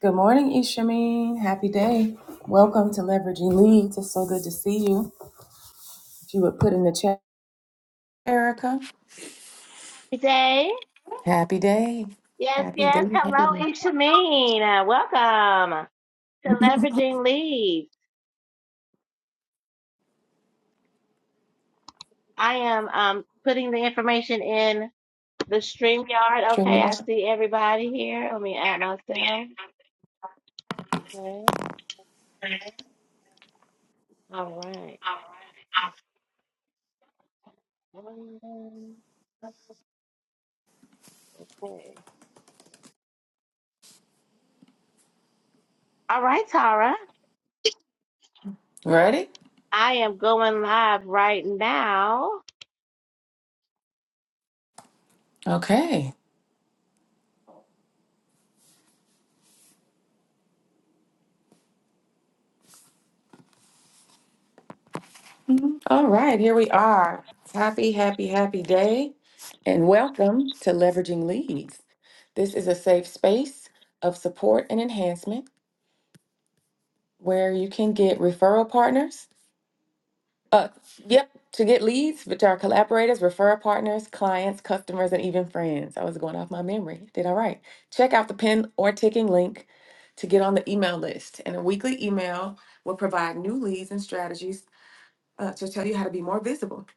Good morning, Ishameen. Happy day. Welcome to Leveraging Leads. It's so good to see you. If you would put in the chat, Erica. Jay. Happy day. Yes, Happy yes. day. Happy Hello, Ishameen. Uh, Welcome to Leveraging Leads. I am um, putting the information in the StreamYard. Okay, I Shemina. see everybody here. Let me add us there. Okay. All right. Okay. All right, Tara. Ready? I am going live right now. Okay. All right. Here we are. Happy, happy, happy day. And welcome to Leveraging Leads. This is a safe space of support and enhancement where you can get referral partners Uh, yep, to get leads, which are collaborators, referral partners, clients, customers, and even friends. I was going off my memory. Did all right. Check out the pin or ticking link to get on the email list. And a weekly email will provide new leads and strategies uh, to tell you how to be more visible.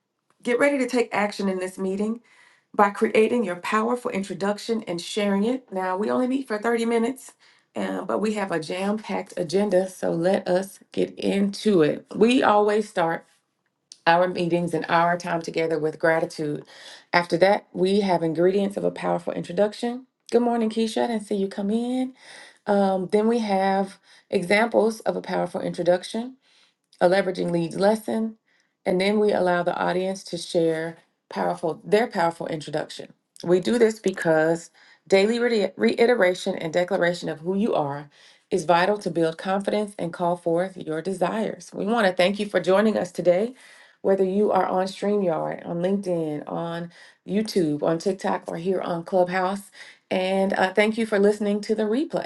Get ready to take action in this meeting by creating your powerful introduction and sharing it. Now, we only meet for 30 minutes. Uh, but we have a jam packed agenda, so let us get into it. We always start our meetings and our time together with gratitude. After that, we have ingredients of a powerful introduction. Good morning, Keisha. I didn't see you come in. Um, then we have examples of a powerful introduction a leveraging leads lesson, and then we allow the audience to share powerful their powerful introduction. We do this because daily re- reiteration and declaration of who you are is vital to build confidence and call forth your desires. We want to thank you for joining us today. Whether you are on StreamYard, on LinkedIn, on YouTube, on TikTok, or here on Clubhouse. And uh, thank you for listening to the replay.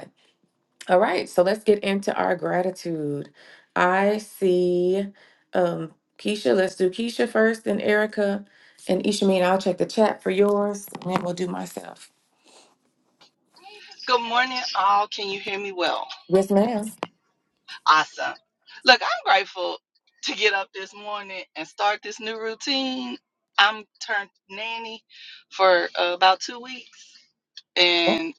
All right, so let's get into our gratitude. I see um Keisha. Let's do Keisha first, then Erica and Ishameen. I'll check the chat for yours, and then we'll do myself. Good morning, all. Can you hear me well? Yes, ma'am. Awesome. Look, I'm grateful to get up this morning and start this new routine. I'm turned nanny for uh, about two weeks, Oh, and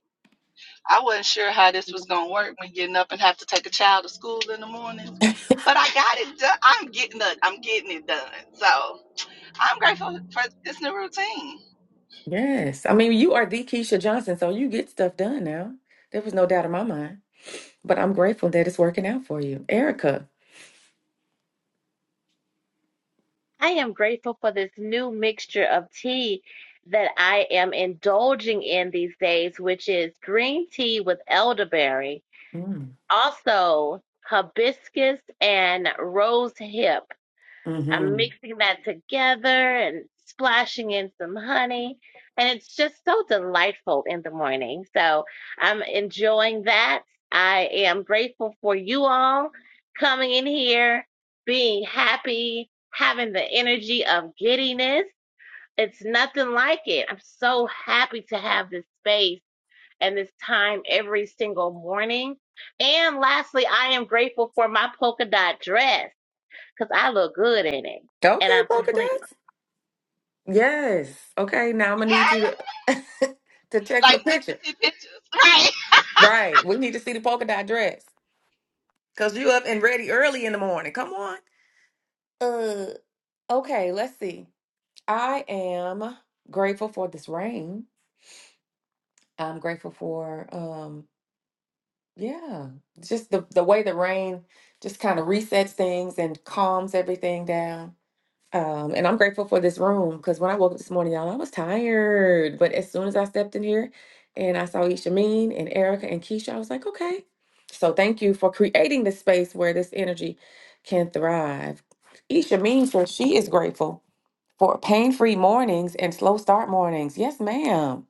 I wasn't sure how this was going to work when getting up and have to take a child to school in the morning. But I got it done. I'm getting it. I'm getting it done. So I'm grateful for this new routine. Yes. I mean, you are the Keisha Johnson, so you get stuff done now. There was no doubt in my mind. But I'm grateful that it's working out for you. Erica. I am grateful for this new mixture of tea that I am indulging in these days, which is green tea with elderberry, Mm. also hibiscus and rose hip. I'm hmm mixing that together and splashing in some honey. And it's just so delightful in the morning. So I'm enjoying that. I am grateful for you all coming in here, being happy, having the energy of giddiness. It's nothing like it. I'm so happy to have this space and this time every single morning. And lastly, I am grateful for my polka dot dress because I look good in it. And Okay, I'm polka complete. dots. Yes. Okay, now I'm gonna need you to to text Like, a we picture. got pictures. Right. Right. We need to see the polka dot dress. Cause you up and ready early in the morning. Come on. Uh okay, let's see. I am grateful for this rain. I'm grateful for um yeah, just the the way the rain just kind of resets things and calms everything down. Um, and I'm grateful for this room because when I woke up this morning, y'all, I was tired. But as soon as I stepped in here and I saw Ishameen and Erica and Keisha, I was like, okay. So thank you for creating this space where this energy can thrive. Ishameen says she is grateful for pain-free mornings and slow start mornings. Yes, ma'am.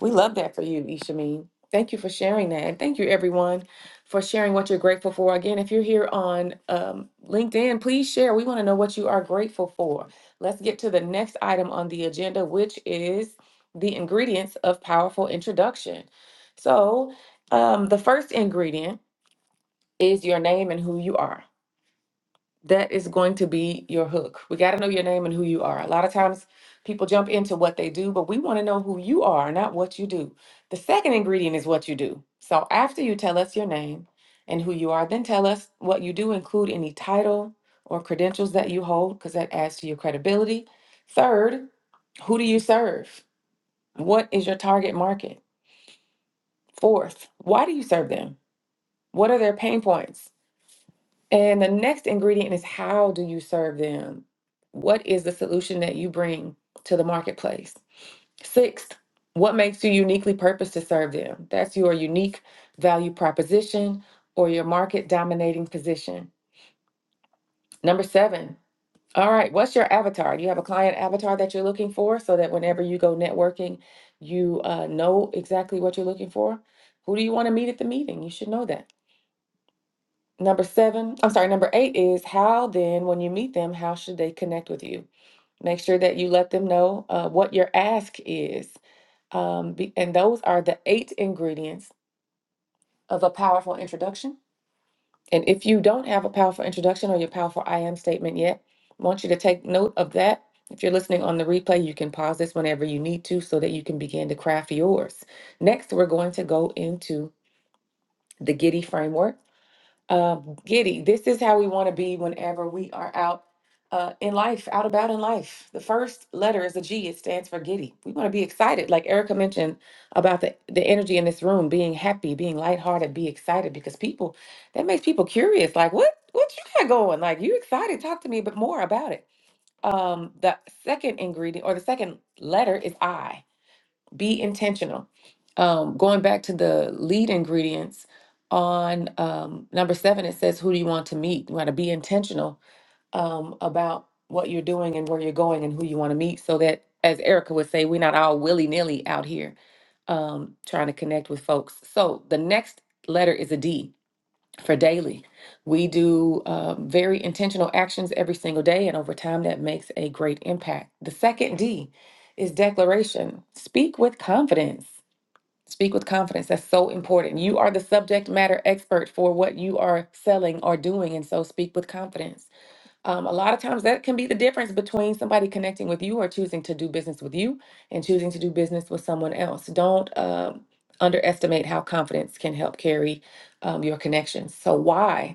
We love that for you, Ishameen. Thank you for sharing that. And thank you, everyone, for sharing what you're grateful for. Again, if you're here on um, LinkedIn, please share. We want to know what you are grateful for. Let's get to the next item on the agenda, which is the ingredients of powerful introduction. So, um, the first ingredient is your name and who you are that is going to be your hook. We got to know your name and who you are. A lot of times people jump into what they do, but we want to know who you are, not what you do. The second ingredient is what you do. So after you tell us your name and who you are, then tell us what you do, include any title or credentials that you hold, because that adds to your credibility. Third, who do you serve? What is your target market? Fourth, why do you serve them? What are their pain points? And the next ingredient is how do you serve them? What is the solution that you bring to the marketplace? Sixth, what makes you uniquely purposed to serve them? That's your unique value proposition or your market dominating position. Number seven, all right, what's your avatar? Do you have a client avatar that you're looking for so that whenever you go networking, you uh, know exactly what you're looking for? Who do you want to meet at the meeting? You should know that. Number seven, I'm sorry, number eight is how then, when you meet them, how should they connect with you? Make sure that you let them know uh, what your ask is. Um, be, and those are the eight ingredients of a powerful introduction. And if you don't have a powerful introduction or your powerful I am statement yet, I want you to take note of that. If you're listening on the replay, you can pause this whenever you need to so that you can begin to craft yours. Next, we're going to go into the Giddy framework. uh, giddy. This is how we want to be whenever we are out uh, in life, out about in life. The first letter is a G. It stands for giddy. We want to be excited, like Erica mentioned about the the energy in this room, being happy, being lighthearted, be excited, because people that makes people curious. Like, what what you got going? Like, you excited? Talk to me a bit more about it. Um, the second ingredient or the second letter is I be intentional. Um, going back to the lead ingredients on um, number seven, it says, Who do you want to meet? You want to be intentional um, about what you're doing and where you're going and who you want to meet so that, as Erica would say, we're not all willy nilly out here um, trying to connect with folks. So the next letter is a D for daily. We do um, very intentional actions every single day, and over time, that makes a great impact. The second D is declaration. Speak with confidence. Speak with confidence. That's so important. You are the subject matter expert for what you are selling or doing, and so speak with confidence. Um, a lot of times that can be the difference between somebody connecting with you or choosing to do business with you and choosing to do business with someone else. Don't um, underestimate how confidence can help carry um, your connections. So, why?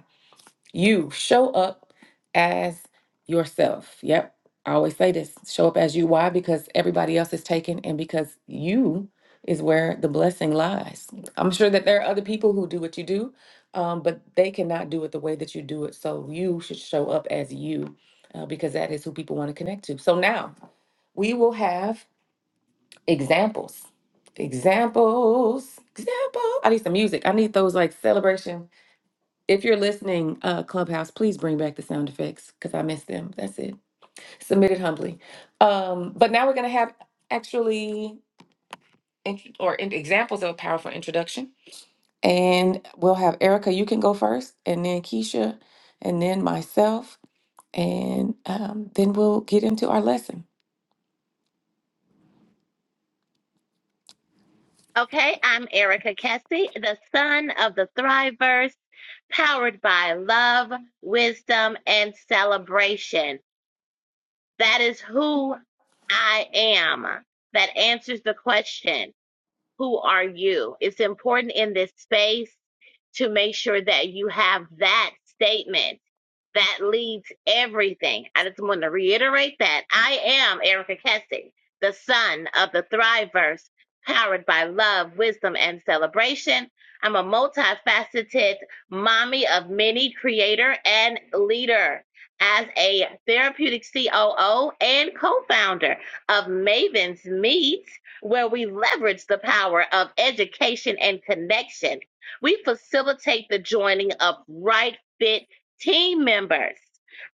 You show up as yourself. Yep. I always say this show up as you. Why? Because everybody else is taken, and because you is where the blessing lies. I'm sure that there are other people who do what you do, um, but they cannot do it the way that you do it. So you should show up as you uh, because that is who people want to connect to. So now we will have examples. Examples. Example. I need some music. I need those like celebration if you're listening, uh, Clubhouse, please bring back the sound effects because I miss them. That's it. Submitted humbly. Um, but now we're going to have actually int- or in- examples of a powerful introduction. And we'll have Erica, you can go first, and then Keisha, and then myself, and um, then we'll get into our lesson. Okay, I'm Erica Kessie, the son of the Thriverse, powered by love, wisdom, and celebration. That is who I am. That answers the question, who are you? It's important in this space to make sure that you have that statement that leads everything. I just want to reiterate that I am Erica Kessing, the son of the Thriveverse, powered by love, wisdom, and celebration. I'm a multifaceted mommy of many creator and leader. As a therapeutic COO and co founder of Maven's Meet, where we leverage the power of education and connection, we facilitate the joining of right fit Team members.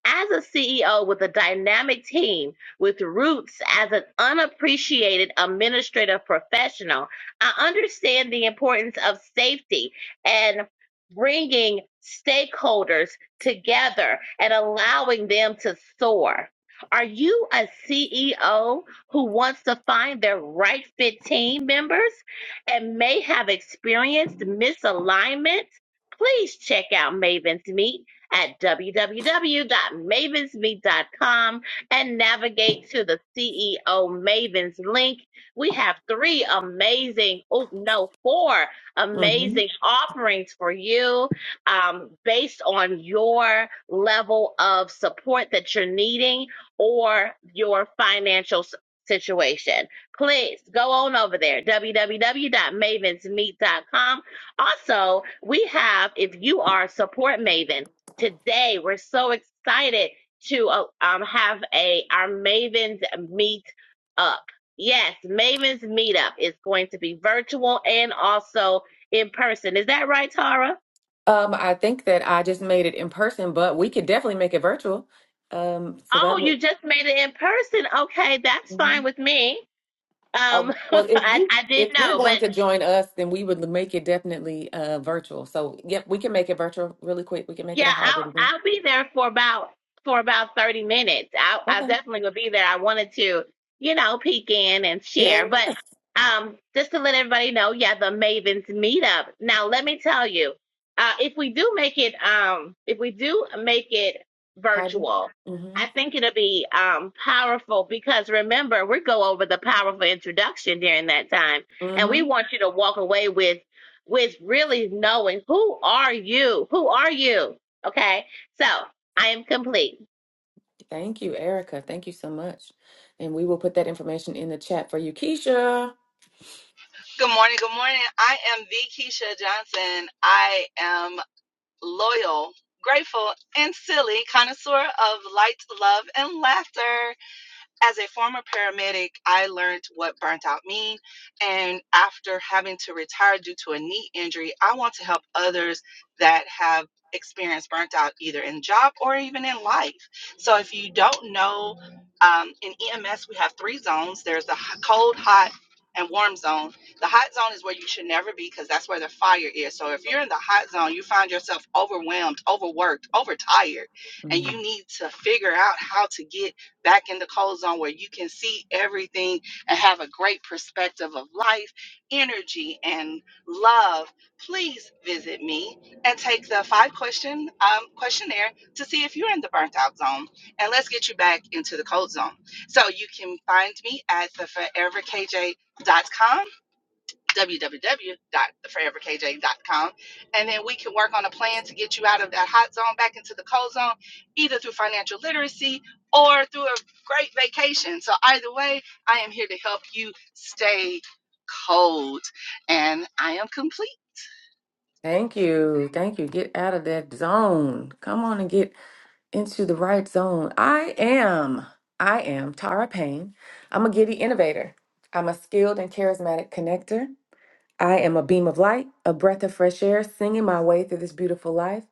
As a CEO with a dynamic team with roots as an unappreciated administrative professional, I understand the importance of safety and bringing stakeholders together and allowing them to soar. Are you a CEO who wants to find their right fit team members and may have experienced misalignment? Please check out Maven's Meet at www.mavensmeet.com and navigate to the CEO Mavens link. We have three amazing, oh no, four hmm amazing offerings for you um, based on your level of support that you're needing or your financial s- situation. Please go on over there, www.mavensmeet.com. Also, we have, if you are a support maven, today. We're so excited to uh, um, have a our Mavens meet up. Yes, Mavens meetup is going to be virtual and also in person. Is that right, Tara? Um, I think that I just made it in person, but we could definitely make it virtual. Um, so Oh, that would. you just made it in person. Okay, that's mm-hmm. fine with me. Um, Oh, well, if I, you I did if you're know, but going to join us, then we would make it definitely uh virtual. So, yep, we can make it virtual really quick. We can make it Yeah, a hybrid I'll event. I'll be there for about for about 30 minutes. I I Okay. definitely will be there. I wanted to, you know, peek in and share. Yes, But um just to let everybody know, yeah, the Mavens meetup. Now let me tell you, uh if we do make it um if we do make it hybrid. virtual, I Mhm. think it'll be um powerful because remember, we go over the powerful introduction during that time and we Mhm. want you to walk away with with really knowing who are you? Who are you? Okay, so I am complete. Thank you, Erica. Thank you so much. And we will put that information in the chat for you, Keisha. Good morning. Good morning. I am V. Keisha Johnson. I am loyal, grateful, and silly connoisseur of light, love, and laughter as a former paramedic, I learned what burnt out mean. And after having to retire due to a knee injury, I want to help others that have experienced burnt out either in job or even in life. So if you don't know, um, in EMS, we have three zones. There's the h- cold, hot, and warm zone. The hot zone is where you should never be because that's where the fire is. So if you're in the hot zone, you find yourself overwhelmed, overworked, overtired, and Mm. you need to figure out how to get back in the cold zone where you can see everything and have a great perspective of life, energy, and love, please visit me and take the five question um, questionnaire to see if you're in the burnt out zone. And let's get you back into the cold zone. So you can find me at the foreverkj.com www.theforeverkj.com. And then we can work on a plan to get you out of that hot zone back into the cold zone, either through financial literacy or through a great vacation. So, either way, I am here to help you stay cold. And I am complete. Thank you. Thank you. Get out of that zone. Come on and get into the right zone. I am. I am Tara Payne. I'm a giddy innovator. I'm a skilled and charismatic connector. I am a beam of light, a breath of fresh air, singing my way through this beautiful life.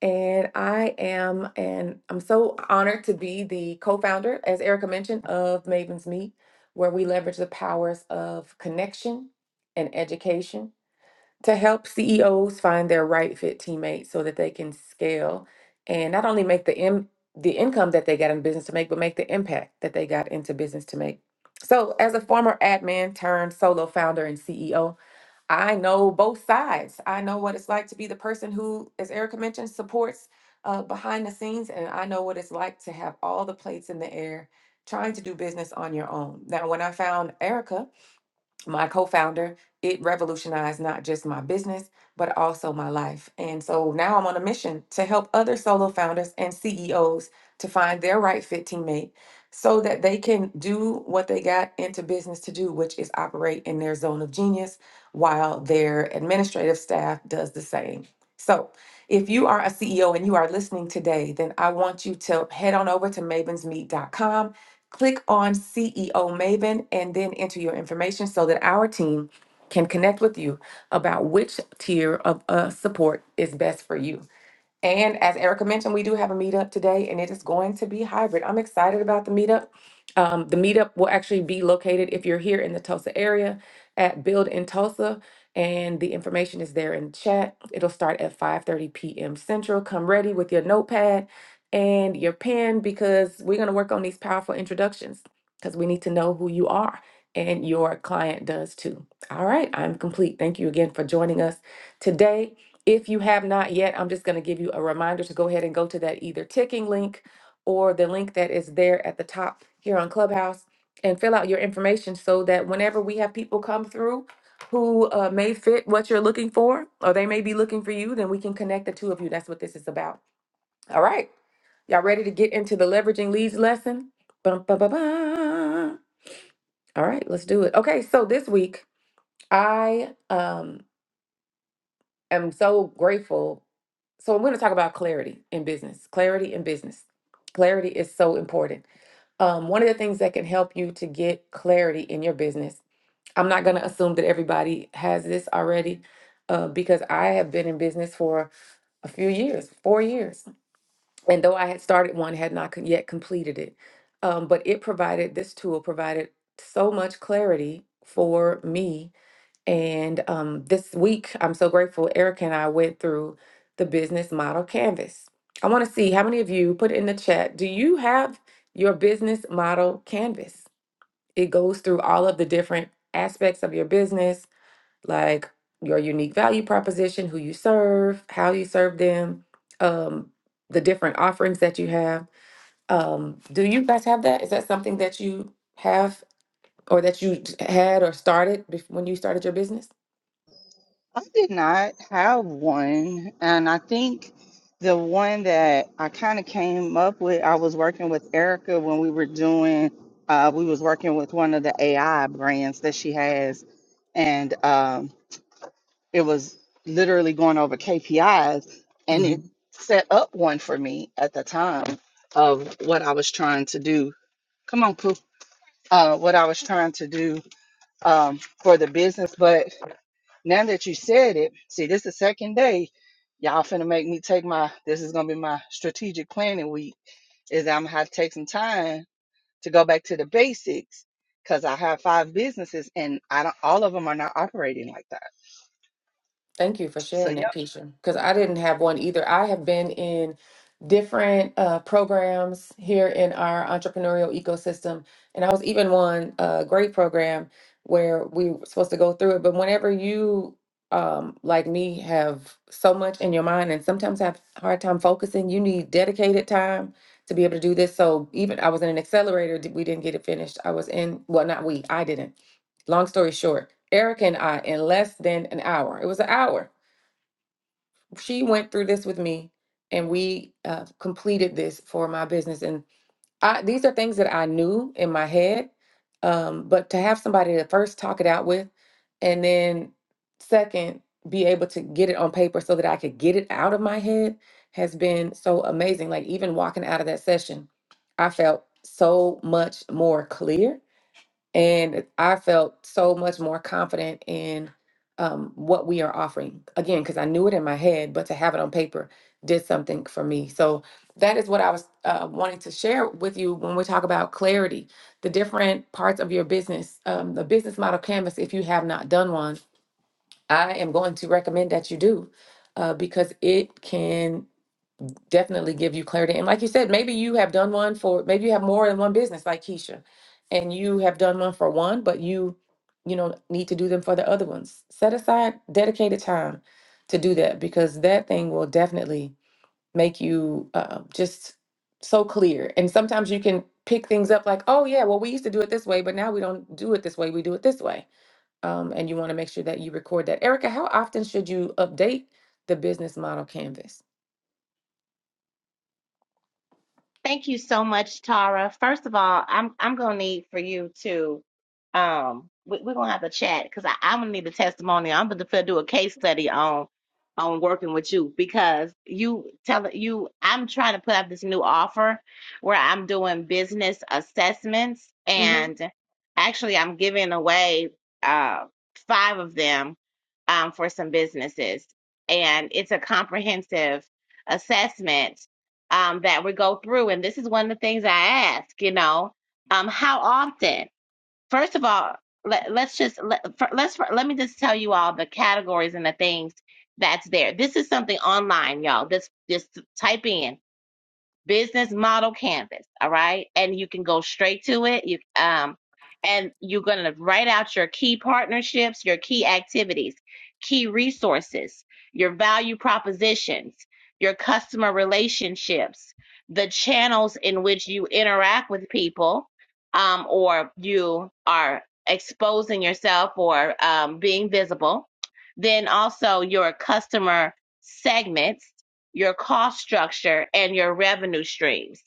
And I am, and I'm so honored to be the co founder, as Erica mentioned, of Maven's Meet, where we leverage the powers of connection and education to help CEOs find their right fit teammates so that they can scale and not only make the, Im- the income that they got in business to make, but make the impact that they got into business to make. So, as a former admin turned solo founder and CEO, I know both sides. I know what it's like to be the person who, as Erica mentioned, supports uh, behind the scenes, and I know what it's like to have all the plates in the air trying to do business on your own. Now, when I found Erica, my co-founder it revolutionized not just my business but also my life and so now i'm on a mission to help other solo founders and ceos to find their right fit teammate so that they can do what they got into business to do which is operate in their zone of genius while their administrative staff does the same so if you are a ceo and you are listening today then i want you to head on over to mavensmeet.com Click on CEO Maven and then enter your information so that our team can connect with you about which tier of uh, support is best for you. And as Erica mentioned, we do have a meetup today and it is going to be hybrid. I'm excited about the meetup. Um, the meetup will actually be located if you're here in the Tulsa area at Build in Tulsa. And the information is there in chat. It'll start at 5:30 p.m. Central. Come ready with your notepad and your pen because we're going to work on these powerful introductions because we need to know who you are and your client does too. All right, I'm complete. Thank you again for joining us today if you have not yet, I'm just going to give you a reminder to go ahead and go to that either ticking link or the link that is there at the top here on Clubhouse and fill out your information so that whenever we have people come through who uh, may fit what you're looking for or they may be looking for you, then we can connect the two of you. That's what this is about. All right. Y'all ready to get into the leveraging leads lesson? Bum, ba, ba, ba. All right, let's do it. Okay, so this week I um am so grateful. So I'm going to talk about clarity in business. Clarity in business. Clarity is so important. Um, one of the things that can help you to get clarity in your business. I'm not going to assume that everybody has this already, uh, because I have been in business for a few years, four years, and though I had started one, had not con- yet completed it. Um, but it provided this tool provided so much clarity for me and um, this week, I'm so grateful Erica and I went through the business model canvas. I want to see how many of you put it in the chat. Do you have your business model canvas? It goes through all of the different aspects of your business, like your unique value proposition, who you serve, how you serve them, um, the different offerings that you have. Um, do you guys have that? Is that something that you have or that you had or started bef- when you started your business? I did not have one. And I think the one that I kind of came up with, I was working with Erica when we were doing, uh, we was working with one of the AI brands that she has. And um, it was literally going over KPIs and it set up one for me at the time of what I was trying to do. Come on, Pooh. Uh, what I was trying to do um, for the business. Now that you said it, see, this the second day. Y'all finna make me take my, this is gonna be my strategic planning week, is that I'm gonna have to take some time to go back to the basics because I have five businesses and I don't, all of them are not operating like that. Thank you for So, sharing that, yep, Keisha, because I didn't have one either. I have been in different uh, programs here in our entrepreneurial ecosystem, and I was even one uh, great program where we were supposed to go through it. But whenever you, um, like me, have so much in your mind and sometimes have a hard time focusing, you need dedicated time to be able to do this. So even I was in an accelerator, d- we didn't get it finished. I was in, well, not we, I didn't. Long story short. Erica and I in less than an hour. It was an hour. She went through this with me, and we uh, completed this for my business. And I, these are things that I knew in my head, um, but to have somebody to first talk it out with, and then second, be able to get it on paper so that I could get it out of my head has been so amazing. Like even walking out of that session, I felt so much more clear and I felt so much more confident in um, what we are offering. Again, because I knew it in my head, but to have it on paper did something for me. So that is what I was uh, wanting to share with you when we talk about clarity, the different parts of your business, um, the business model canvas. If you have not done one, I am going to recommend that you do uh, because it can definitely give you clarity. And like you said, maybe you have done one for, maybe you have more than one business like Keisha, and you have done one for one, but you, you know, need to do them for the other ones. Set aside dedicated time to do that because that thing will definitely make you uh, just so clear. And sometimes you can pick things up like, oh, yeah, well, we used to do it this way, but now we don't do it this way. We do it this way um, and you want to make sure that you record that. Erica, how often should you update the business model canvas? Thank you so much, Tara. First of all, I'm I'm gonna need for you to um we, we're gonna have to chat because I I'm gonna need a testimony. I'm gonna have to do a case study on on working with you because you tell you I'm trying to put up this new offer where I'm doing business assessments Mhm. and actually I'm giving away uh five of them um for some businesses and it's a comprehensive assessment um, that we go through. And this is one of the things I ask, you know, um, how often? First of all, let, let's just let, fir- let's fir- let me just tell you all the categories and the things that's there. This is something online, y'all. Just just type in business model canvas all right and you can go straight to it you um and you're going to write out your key partnerships your key activities key resources your value propositions your customer relationships the channels in which you interact with people um, or you are exposing yourself or um, being visible then also your customer segments your cost structure and your revenue streams.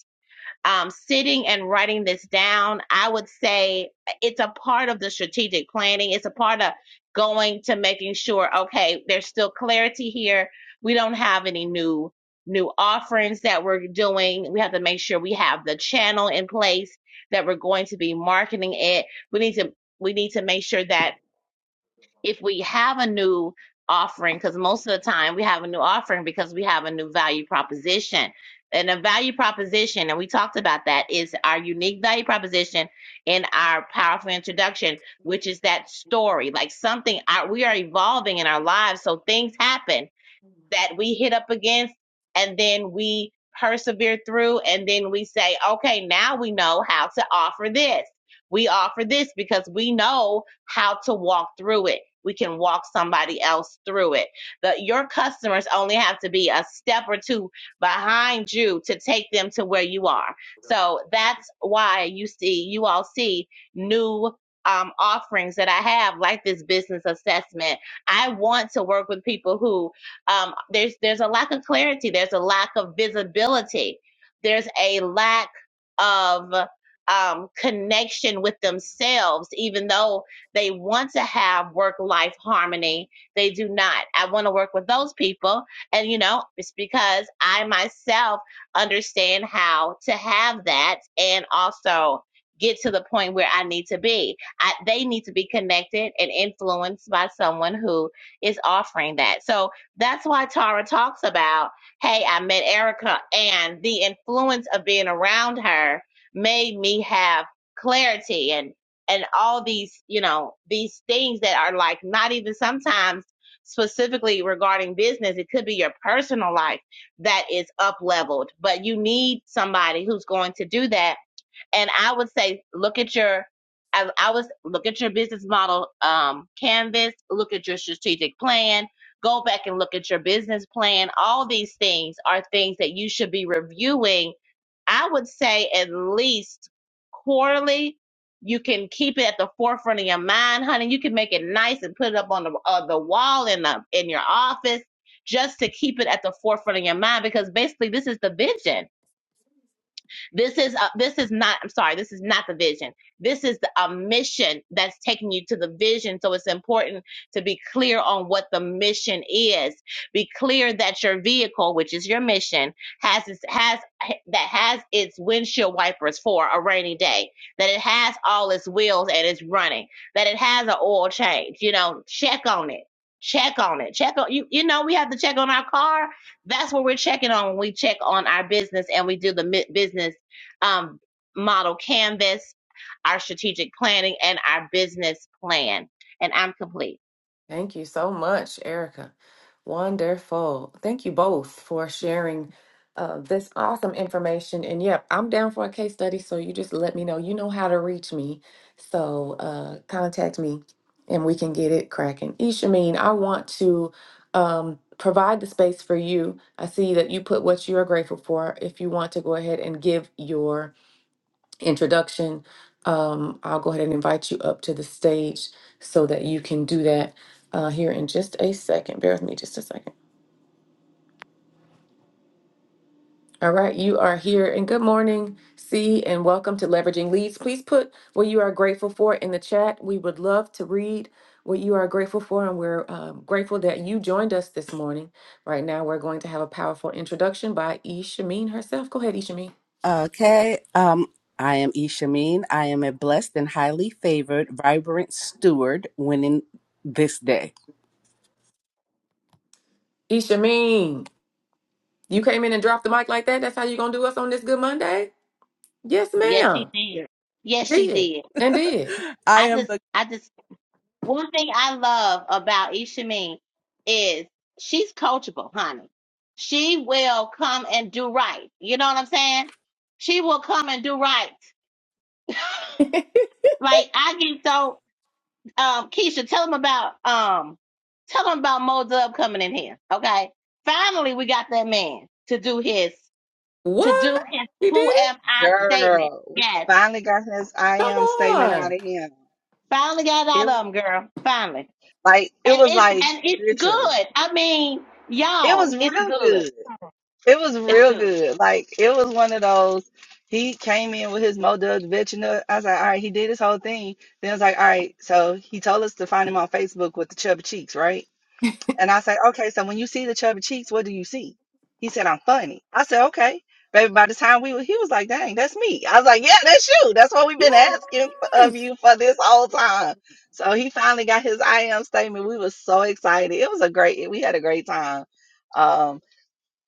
Um, sitting and writing this down, I would say it's a part of the strategic planning. It's a part of going to making sure, okay, there's still clarity here. We don't have any new new offerings that we're doing. We have to make sure we have the channel in place that we're going to be marketing it. We need to we need to make sure that if we have a new offering, because most of the time we have a new offering because we have a new value proposition. And a value proposition, and we talked about that, is our unique value proposition in our powerful introduction, which is that story, like something our, we are evolving in our lives. So things happen that we hit up against and then we persevere through and then we say okay now we know how to offer this we offer this because we know how to walk through it we can walk somebody else through it the, your customers only have to be a step or two behind you to take them to where you are so that's why you see you all see new um, offerings that i have like this business assessment i want to work with people who um, there's there's a lack of clarity. There's a lack of visibility. There's a lack of um, connection with themselves, even though they want to have work life harmony. They do not. I want to work with those people, and you know, it's because I myself understand how to have that, and also get to the point where I need to be. I, they need to be connected and influenced by someone who is offering that. So that's why Tara talks about, hey, I met Erica, and the influence of being around her made me have clarity and and all these, you know, these things that are like not even sometimes specifically regarding business. It could be your personal life that is up leveled, but you need somebody who's going to do that and I would say, look at your, I, I was look at your business model um, canvas, look at your strategic plan, go back and look at your business plan. All these things are things that you should be reviewing. I would say at least quarterly. You can keep it at the forefront of your mind, honey. You can make it nice and put it up on the uh, the wall in the in your office, just to keep it at the forefront of your mind. Because basically, this is the vision this is a, this is not. I'm sorry. This is not the vision. This is a mission that's taking you to the vision. So it's important to be clear on what the mission is. Be clear that your vehicle, which is your mission, has its, has that has its windshield wipers for a rainy day. That it has all its wheels and it's running. That it has an oil change. You know, check on it. Check on it. Check on you. You know, we have to check on our car that's what we're checking on when we check on our business and we do the mi- business um, model canvas, our strategic planning, and our business plan. And I'm complete. Thank you so much, Erica. Wonderful. Thank you both for sharing uh, this awesome information. And yep, I'm down for a case study, so you just let me know. You know how to reach me. So uh, contact me and we can get it cracking. Ishameen, I want to um, provide the space for you. I see that you put what you are grateful for. If you want to go ahead and give your introduction, um, I'll go ahead and invite you up to the stage so that you can do that uh, here in just a second. Bear with me just a second. All right, you are here, and good morning, C, and welcome to Leveraging Leads. Please put what you are grateful for in the chat. We would love to read what you are grateful for, and we're um, grateful that you joined us this morning. Right now, we're going to have a powerful introduction by Ishameen herself. Go ahead, Ishameen. Okay. Um, I am Ishameen. I am a blessed and highly favored, vibrant steward winning this day. Ishameen, you came in and dropped the mic like that. That's how you're gonna do us on this Good Monday. Yes, Yes, she ma'am. did. Yes, she Did did. and did. I I am just, the I just, one thing I love about Ishameen is she's coachable, honey. She will come and do right. You know what I'm saying? She will come and do right. Like I get so um, Keisha, tell them about um, tell them about Mo Dub coming in here. Okay, finally we got that man to do his to do What? his He did who it? am I statement. girl, we Yes, finally got this I Come am statement out on. of him. finally got it out It, of him, girl. Finally, like, it and was it's like and it's literally, good. I mean, it y'all, was it's real good. good. It was It's real good. good. Like it was one of those. He came in with his Modug Vecina. I was like, all right, he did his whole thing. Then I was like, all right, so he told us to find him on Facebook with the chubby cheeks, right? And I said, okay, so when you see the chubby cheeks, what do you see? He said, I'm funny. I said, okay. Baby, by the time we were, he was like, dang, that's me. I was like, yeah, that's you. That's what we've been asking of Yes. you for this whole time. So he finally got his I am statement. We were so excited. It was a great, we had a great time Um,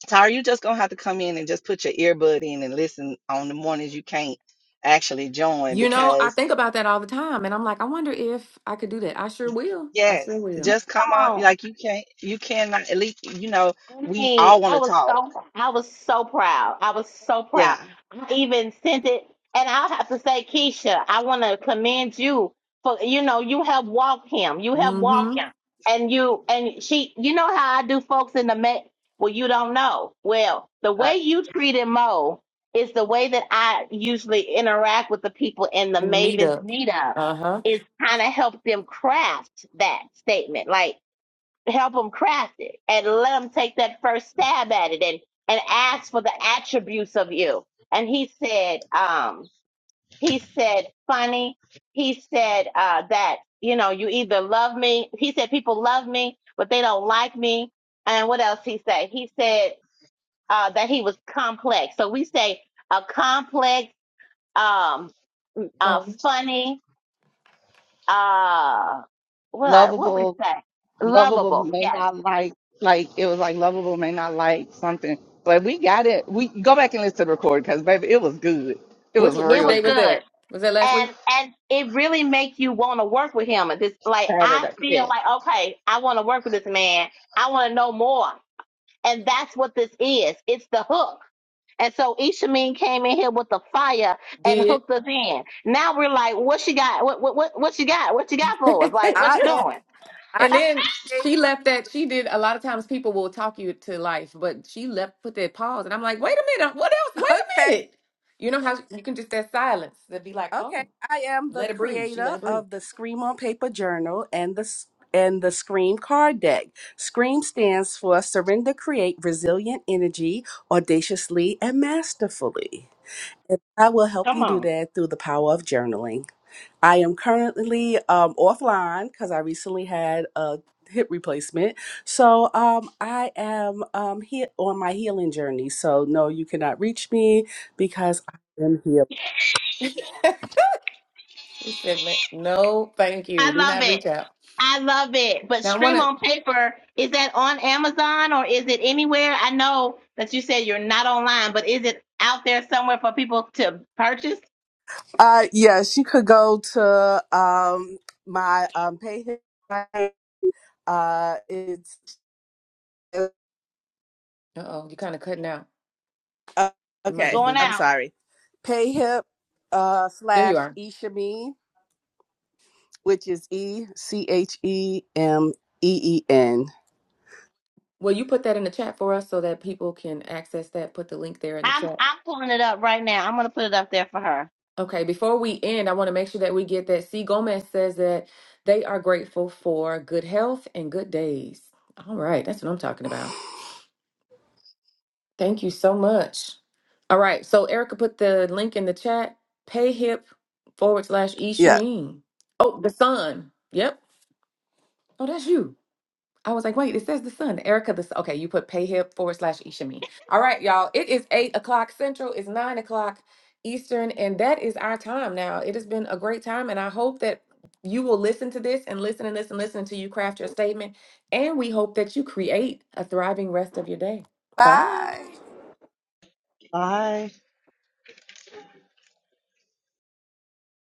Tyra, you just gonna have to come in and just put your earbud in and listen on the mornings you can't actually join You know, I because think about that all the time, and I'm like, I wonder if I could do that. I sure will. I yes, sure will. just Come come on. on. Like you can't, you cannot. At least you know I we mean, all want I to was talk. so I was so proud. I was so proud. Yeah, I even sent it, and I'll have to say, Keisha, I want to commend you for you know you have walked him. You have Mm-hmm. walked him, and you and she. You know how I do, folks in the Met. Well, you don't know. Well, the uh, way you treated Mo is the way that I usually interact with the people in the In the Mavens meetup. meetup. Uh huh. Is kind of help them craft that statement, like help them craft it and let them take that first stab at it and and ask for the attributes of you and he said um he said funny he said uh that you know you either love me he said people love me but they don't like me and what else he said he said uh that he was complex so we say a complex um uh Fun. funny uh what I, what we lovable, say lovable lovable may yes not like like it was like lovable may not like something, but we got it. We go back and listen to the record because baby, it was good. It Which was which it real was day was good good that? Was that last week? and and it really makes you want to work with him. And this, like, I Saturday. feel Yeah. like okay, I want to work with this man. I want to know more, and that's what this is. It's the hook. And so Ishameen came in here with the fire and Did. hooked us in. Now we're like, what she got? What what what, what she got? What you got for us? Like, what I you am doing? I am And then creator. she left that she did a lot of times people will talk you to life, but she left put that pause and I'm like, wait a minute, what else? Wait Okay. a minute. You know how you can just that silence that be like, Okay. oh, I am the let it breathe. She let creator it breathe. of the Scream on Paper Journal and the s- and the Scream card deck. Scream stands for surrender, create resilient energy audaciously and masterfully. And I will help Come you do on. that through the power of journaling. I am currently um, offline because I recently had a hip replacement. So um, I am um, here on my healing journey. So, no, you cannot reach me because I am here. She said, man, no, thank I you. Do love not reach it. out. I love it. But Now I Stream wanna on Paper, is that on Amazon or is it anywhere? I know that you said you're not online, but is it out there somewhere for people to purchase? Uh, yes, you could go to um, my um, page. Uh, it's uh oh, you kinda cutting out. uh, It You might just okay. be going I'm me. out. sorry. Payhip uh, There you slash are. Ishameen which is E C H E M E E N. Will you put that in the chat for us so that people can access that? Put the link there in the I'm chat. I'm pulling it up right now. I'm gonna put it up there for her. Okay, before we end, I want to make sure that we get that. C. Gomez says that they are grateful for good health and good days. All right, that's what I'm talking about. Thank you so much. All right, so Erica put the link in the chat. Payhip forward slash E Yeah. Shameen. Oh, the sun. Yep. Oh, that's you. I was like, wait, it says the sun. Erica, this okay, you put payhip forward slash Ishami. All right, y'all. It is eight o'clock central, it's nine o'clock Eastern, and that is our time now. It has been a great time, and I hope that you will listen to this and listen and listen and listen until you craft your statement. And we hope that you create a thriving rest of your day. Bye. Bye. Bye.